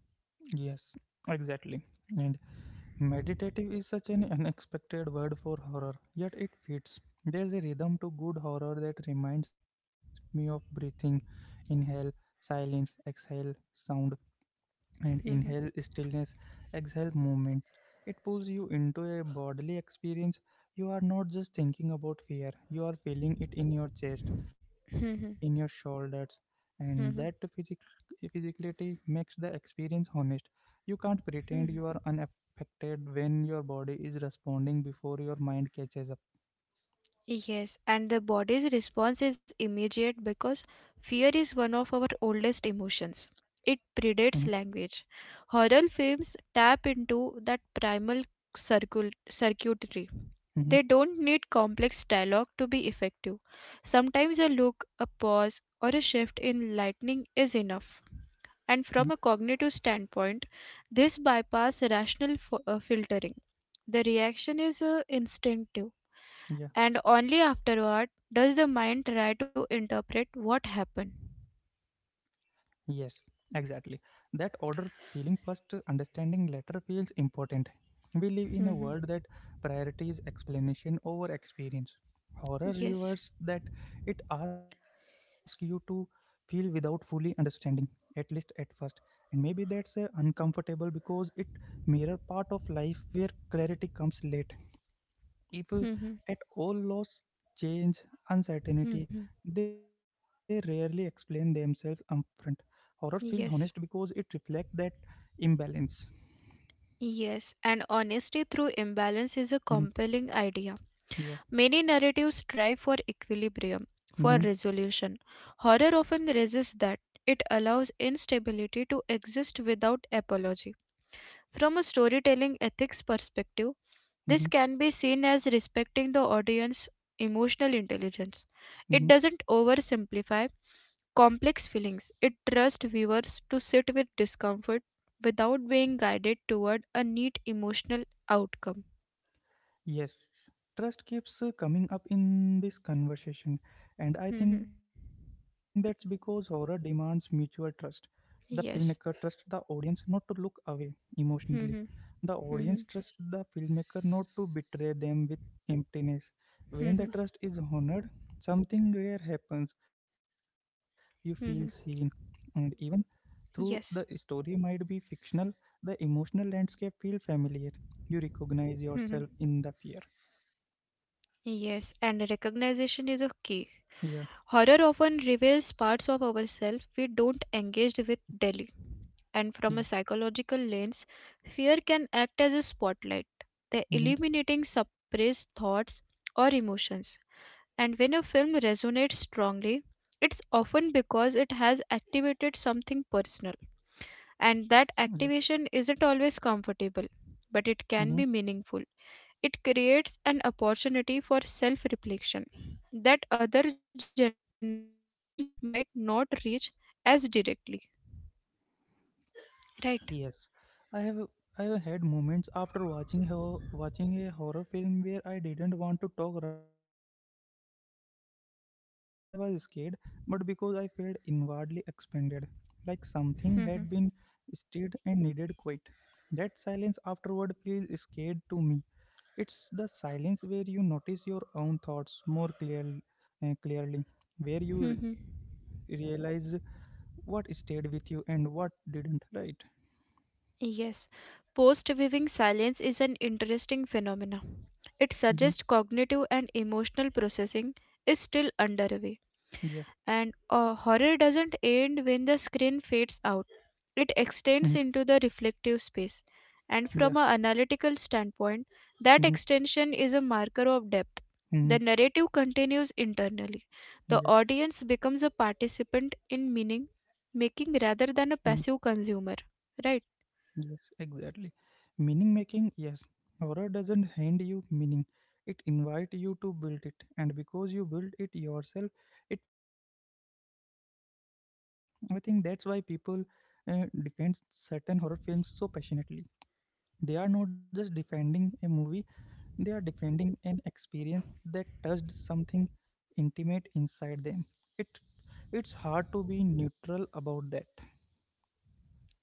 Yes, exactly. And meditative is such an unexpected word for horror, yet it fits. There's a rhythm to good horror that reminds me of breathing: inhale, silence, exhale, sound. And inhale, Mhm. stillness, exhale, movement. It pulls you into a bodily experience. You are not just thinking about fear, you are feeling it in your chest, in your Mhm. shoulders, and that Mhm. physicality makes the experience honest. You can't pretend you Mhm. are unaffected when your body is responding before your mind catches up. Yes, and the body's response is immediate because fear is one of our oldest emotions. Hmm. It predates language. Horror films tap into that primal circuitry. Hmm. They don't need complex dialogue to be effective. Sometimes a look, a pause, or a shift in lightning is enough. Hmm. And from a cognitive standpoint, this bypass rational filtering. The reaction is instinctive Yeah. and only afterward does the mind try to interpret what happened. Yes, exactly. That order, feeling first, understanding later, feels important. We live in a Mhm. world that prioritizes explanation over experience. Horror Yes. reverses that. It asks you to feel without fully understanding, at least at first. And maybe that's uncomfortable because it mirror part of life where clarity comes late. If Mhm. At all, loss, change, uncertainty, Mhm. they rarely explain themselves upfront. Horror feels honest because Yes. it reflects that imbalance. Yes, and honesty through imbalance is a Mhm. compelling idea. Yeah. Many narratives strive for equilibrium, for Mm-hmm. resolution. Horror often resists that. It allows instability to exist without apology. From a storytelling ethics perspective, Mm-hmm. this can be seen as respecting the audience's emotional intelligence. Mm-hmm. It doesn't oversimplify complex feelings, it trusts viewers to sit with discomfort without being guided toward a neat emotional outcome. Yes. Trust keeps coming up in this conversation, and I think Mhm. that's because horror demands mutual trust. The filmmaker trusts the Yes. audience not to look away emotionally. Mhm. The audience Mhm. trusts the filmmaker not to betray them with emptiness. When the Mhm. trust is honored, something rare happens. You feel Mhm. seen, and even through Yes. the story might be fictional, the emotional landscape feel familiar. You recognize Mhm. yourself in the fear. Yes, and recognition is a key. Yeah, Horror often reveals parts of ourselves we don't engage with daily. yeah, And from a psychological lens, fear can act as a spotlight, the mm-hmm, illuminating suppressed thoughts or emotions. And when a film resonates strongly, it's often because it has activated something personal. yeah, And that activation isn't always comfortable, but mm-hmm. it can be meaningful. It creates an opportunity for self reflection that other genres might not reach as directly. Right. Yes, I have I have had moments after watching watching a horror film where I didn't want to talk right away, not because I was scared, but because I felt inwardly expanded, like something had been Mhm. stirred and needed quiet. That silence afterward feels scared to me. It's the silence where you notice your own thoughts clearly, where you Mhm. realize what stayed with you and what didn't. Right? Yes, post viewing silence is an interesting phenomena. It Hmm. suggests cognitive and emotional processing is still underway. Yeah. And horror doesn't end when the screen fades out, it Mm-hmm. extends into the reflective space. Yeah. And from an analytical standpoint, that Mm-hmm. extension is a marker of depth. The Mm-hmm. narrative continues internally. The Yeah. audience becomes a participant in meaning Mm-hmm. making rather than a passive consumer, right? Yes, exactly. Meaning making, yes. Horror doesn't hand you meaning. It invite you to build it. And because you build it yourself, it feels personal. I think that's why people defend certain horror films so passionately. They are not just defending a movie, they are defending an experience that touched something intimate inside them. It it's hard to be neutral about that.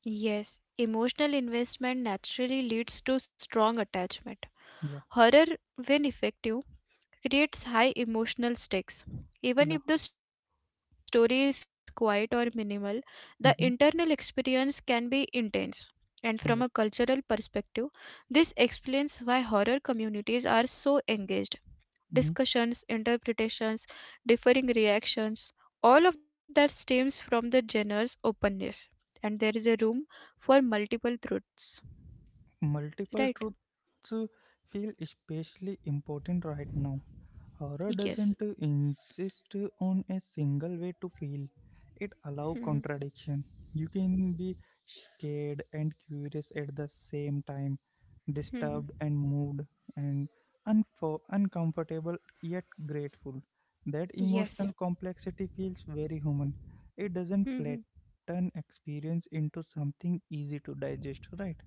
Yes, emotional investment naturally leads to strong attachment. Yeah. Horror, when effective, creates high emotional stakes. Even Ja. if the story is quiet or minimal, the internal experience Mhm. can be intense. And from a cultural Ja. perspective, this explains why horror communities are so engaged discussions, Mhm. interpretations, differing reactions. All of that stems from the genre's openness, and there is a room for multiple truths. Right? Multiple truths feel especially important right now. Horror Yes. doesn't insist on a single way to feel. It allows Mhm. contradiction. You can be scared and curious at the same time, disturbed Mhm. and moved, and uncomfortable yet grateful. That Yes. emotional complexity feels very human. It doesn't Mhm. flatten experience into something easy to digest, right?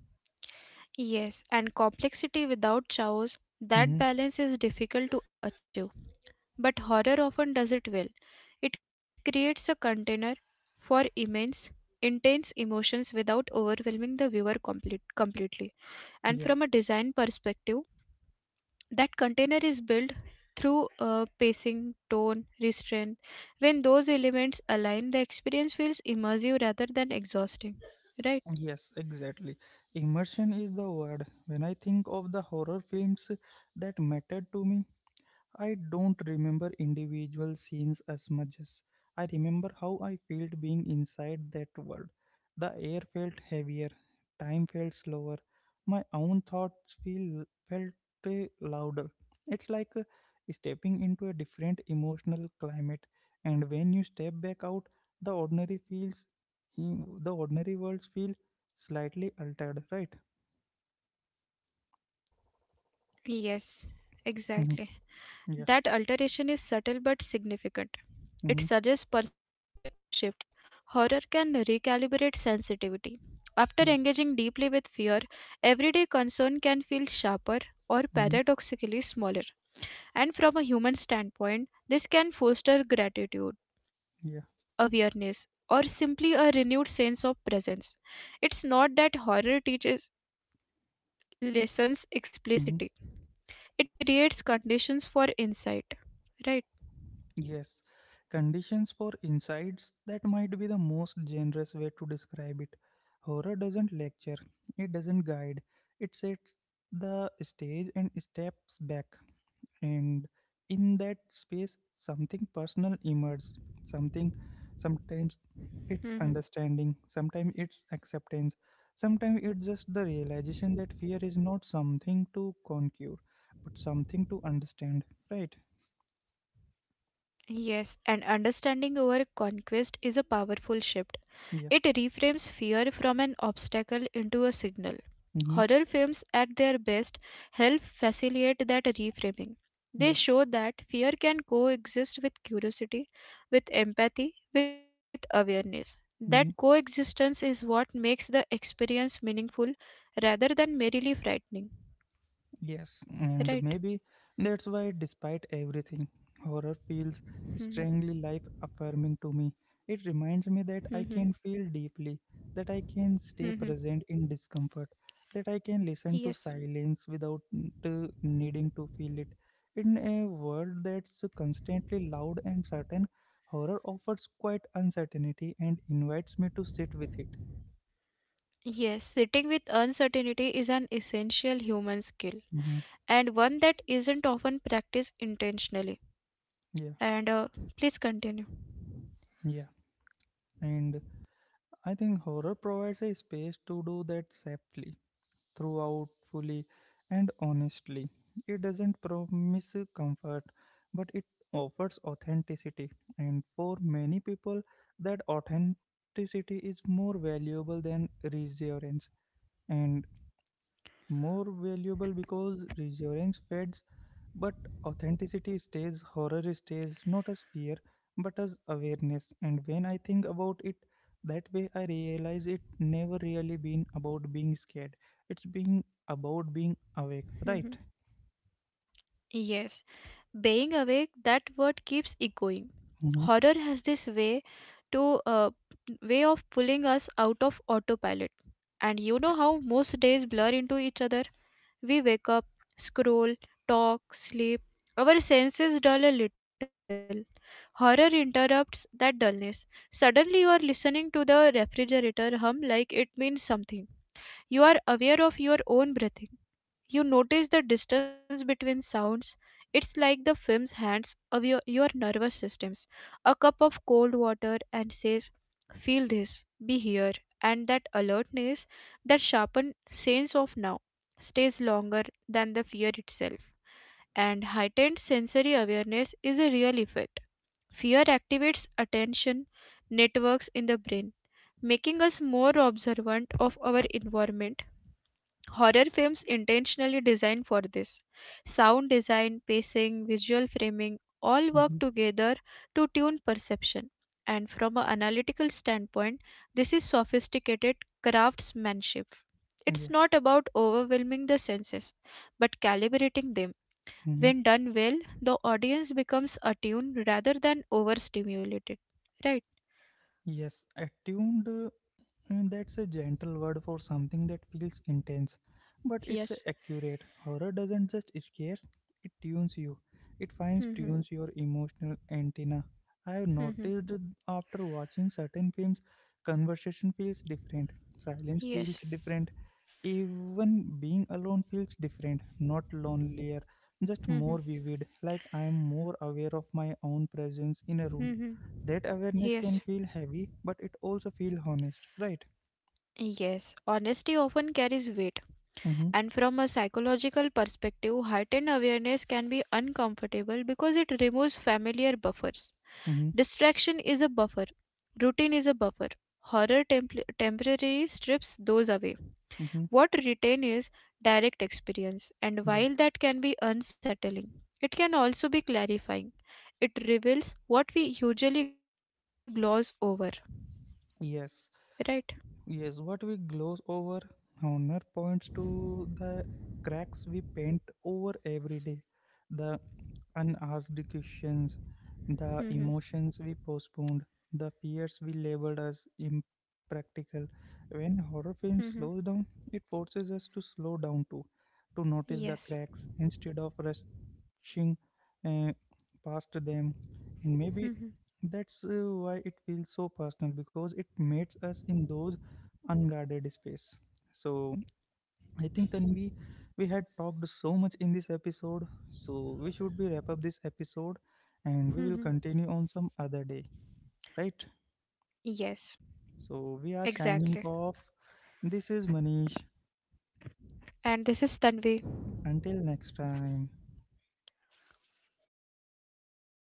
Yes. And complexity without chaos, that Hmm. balance is difficult to achieve. But horror often does it well. It creates a container for immense, intense emotions without overwhelming the viewer completely. And from a Yeah, design perspective, that container is built through pacing, tone, restraint. When those elements align, the experience feels immersive rather than exhausting. Right? yes, exactly. Immersion is the word. When I think of the horror films that mattered to me, I don't remember individual scenes as much as I remember how I felt being inside that world. The air felt heavier, time felt slower, my own thoughts feel felt louder. It's like stepping into a different emotional climate, and when you step back out, the ordinary feels, mm, the ordinary worlds feel slightly altered, right? Yes, exactly. Mhm. That Yeah. alteration is subtle but significant. It Hmm. suggests perspective shift. Horror can recalibrate sensitivity. After Yeah. engaging deeply with fear, everyday concern can feel sharper or Hmm. paradoxically smaller. And from a human standpoint, this can foster gratitude, Yeah. awareness, or simply a renewed sense of presence. It's not that horror teaches lessons explicitly, Mm-hmm. it creates conditions for insight. Right? Yes, conditions for insights, that might be the most generous way to describe it. Horror doesn't lecture, it doesn't guide, it sets the stage and steps back. And in that space, something personal emerges, something, sometimes hmm it's understanding, sometimes it's acceptance, sometimes it's just the realization that fear is not something to conquer, but something to understand, right? Yes, and understanding over conquest is a powerful shift. Yeah. It reframes fear from an obstacle into a signal. Mm-hmm. Horror films, at their best, help facilitate that reframing. They Yeah. show that fear can coexist with curiosity, with empathy, with awareness. That Mhm. coexistence is what makes the experience meaningful rather than merely frightening. Yes, and Right? maybe that's why, despite everything, horror feels Mhm. strangely life affirming to me. It reminds me that I can Mhm. feel deeply, that I can stay Mhm. present in discomfort, that I can listen to Yes. silence without to needing to feel it. In a world that's constantly loud and certain, horror offers quite uncertainty and invites me to sit with it. Yes, sitting with uncertainty is an essential human skill, Mhm. and one that isn't often practiced intentionally. Yeah, And please continue. yeah. And I think horror provides a space to do that safely, throughout, fully, and honestly. It doesn't promise comfort, but it offers authenticity. And for many people, that authenticity is more valuable than reassurance, and more valuable because reassurance fades but authenticity stays. Horror stays, not as fear, but as awareness. And when I think about it that way, I realize it never really been about being scared. It's being about being Mhm. awake, right? Yes, being awake, that word keeps echoing. Horror Mm-hmm. has this to uh, way of pulling us out of autopilot. And you know how most days blur into each other? We wake up, scroll, talk, sleep. Our senses dull a little. Horror interrupts that dullness. Suddenly, you are listening to the refrigerator hum like it means something. You are aware of your own breathing. You notice the distance between sounds. It's like the film's hands of your nervous systems. A cup of cold water and says, feel this, be here. And that alertness, that sharpened sense of now, stays longer than the fear itself. And heightened sensory awareness is a real effect. Fear activates attention networks in the brain, making us more observant of our environment. Horror films intentionally designed for this. Sound design, pacing, visual framing all Mm-hmm. work together to tune perception. And from an analytical standpoint, this is sophisticated craftsmanship. It's Yeah. not about overwhelming the senses, but calibrating them. Hmm. When done well, the audience becomes attuned rather than overstimulated. Right? Yes, attuned. And that's a gentle word for something that feels intense, but it's Yes. accurate. Horror doesn't just scare, it tunes you. It finds Mhm. tunes your emotional antenna. I have Mhm. noticed that after watching certain films, conversation feels different, silence feels Yes. different, even being alone feels different, not lonelier, just more Mhm. vivid, like I am more aware of my own presence in a room. Mhm. That awareness Yes. can feel heavy, but it also feels honest, right? Yes, honesty often carries weight, Mm-hmm, and from a psychological perspective, heightened awareness can be uncomfortable because it removes familiar buffers. mm-hmm, Distraction is a buffer, routine is a buffer. Horror temporarily strips those away. mm-hmm. What retain is direct experience, and Yeah. while that can be unsettling, it can also be clarifying. It reveals what we usually gloss over, right? Yes. Yes. What we gloss over, honor points to the cracks we paint over every day, the unasked questions, (laughs) the hmm emotions we postponed, the fears we labeled as impractical. When horror hmm film slows down, it forces us to slow down too, to notice the Yes. cracks instead of rushing uh, past them. (laughs) And maybe hmm that's why it feels so personal, because it meets us in those unguarded space. So I think Tanvi, we had talked so much in this episode, so we should be wrap up this episode, and we hmm will continue on some other day, right? Yes. So Exactly. we are shining off. This is Manish, And this is Tanvi. until next time.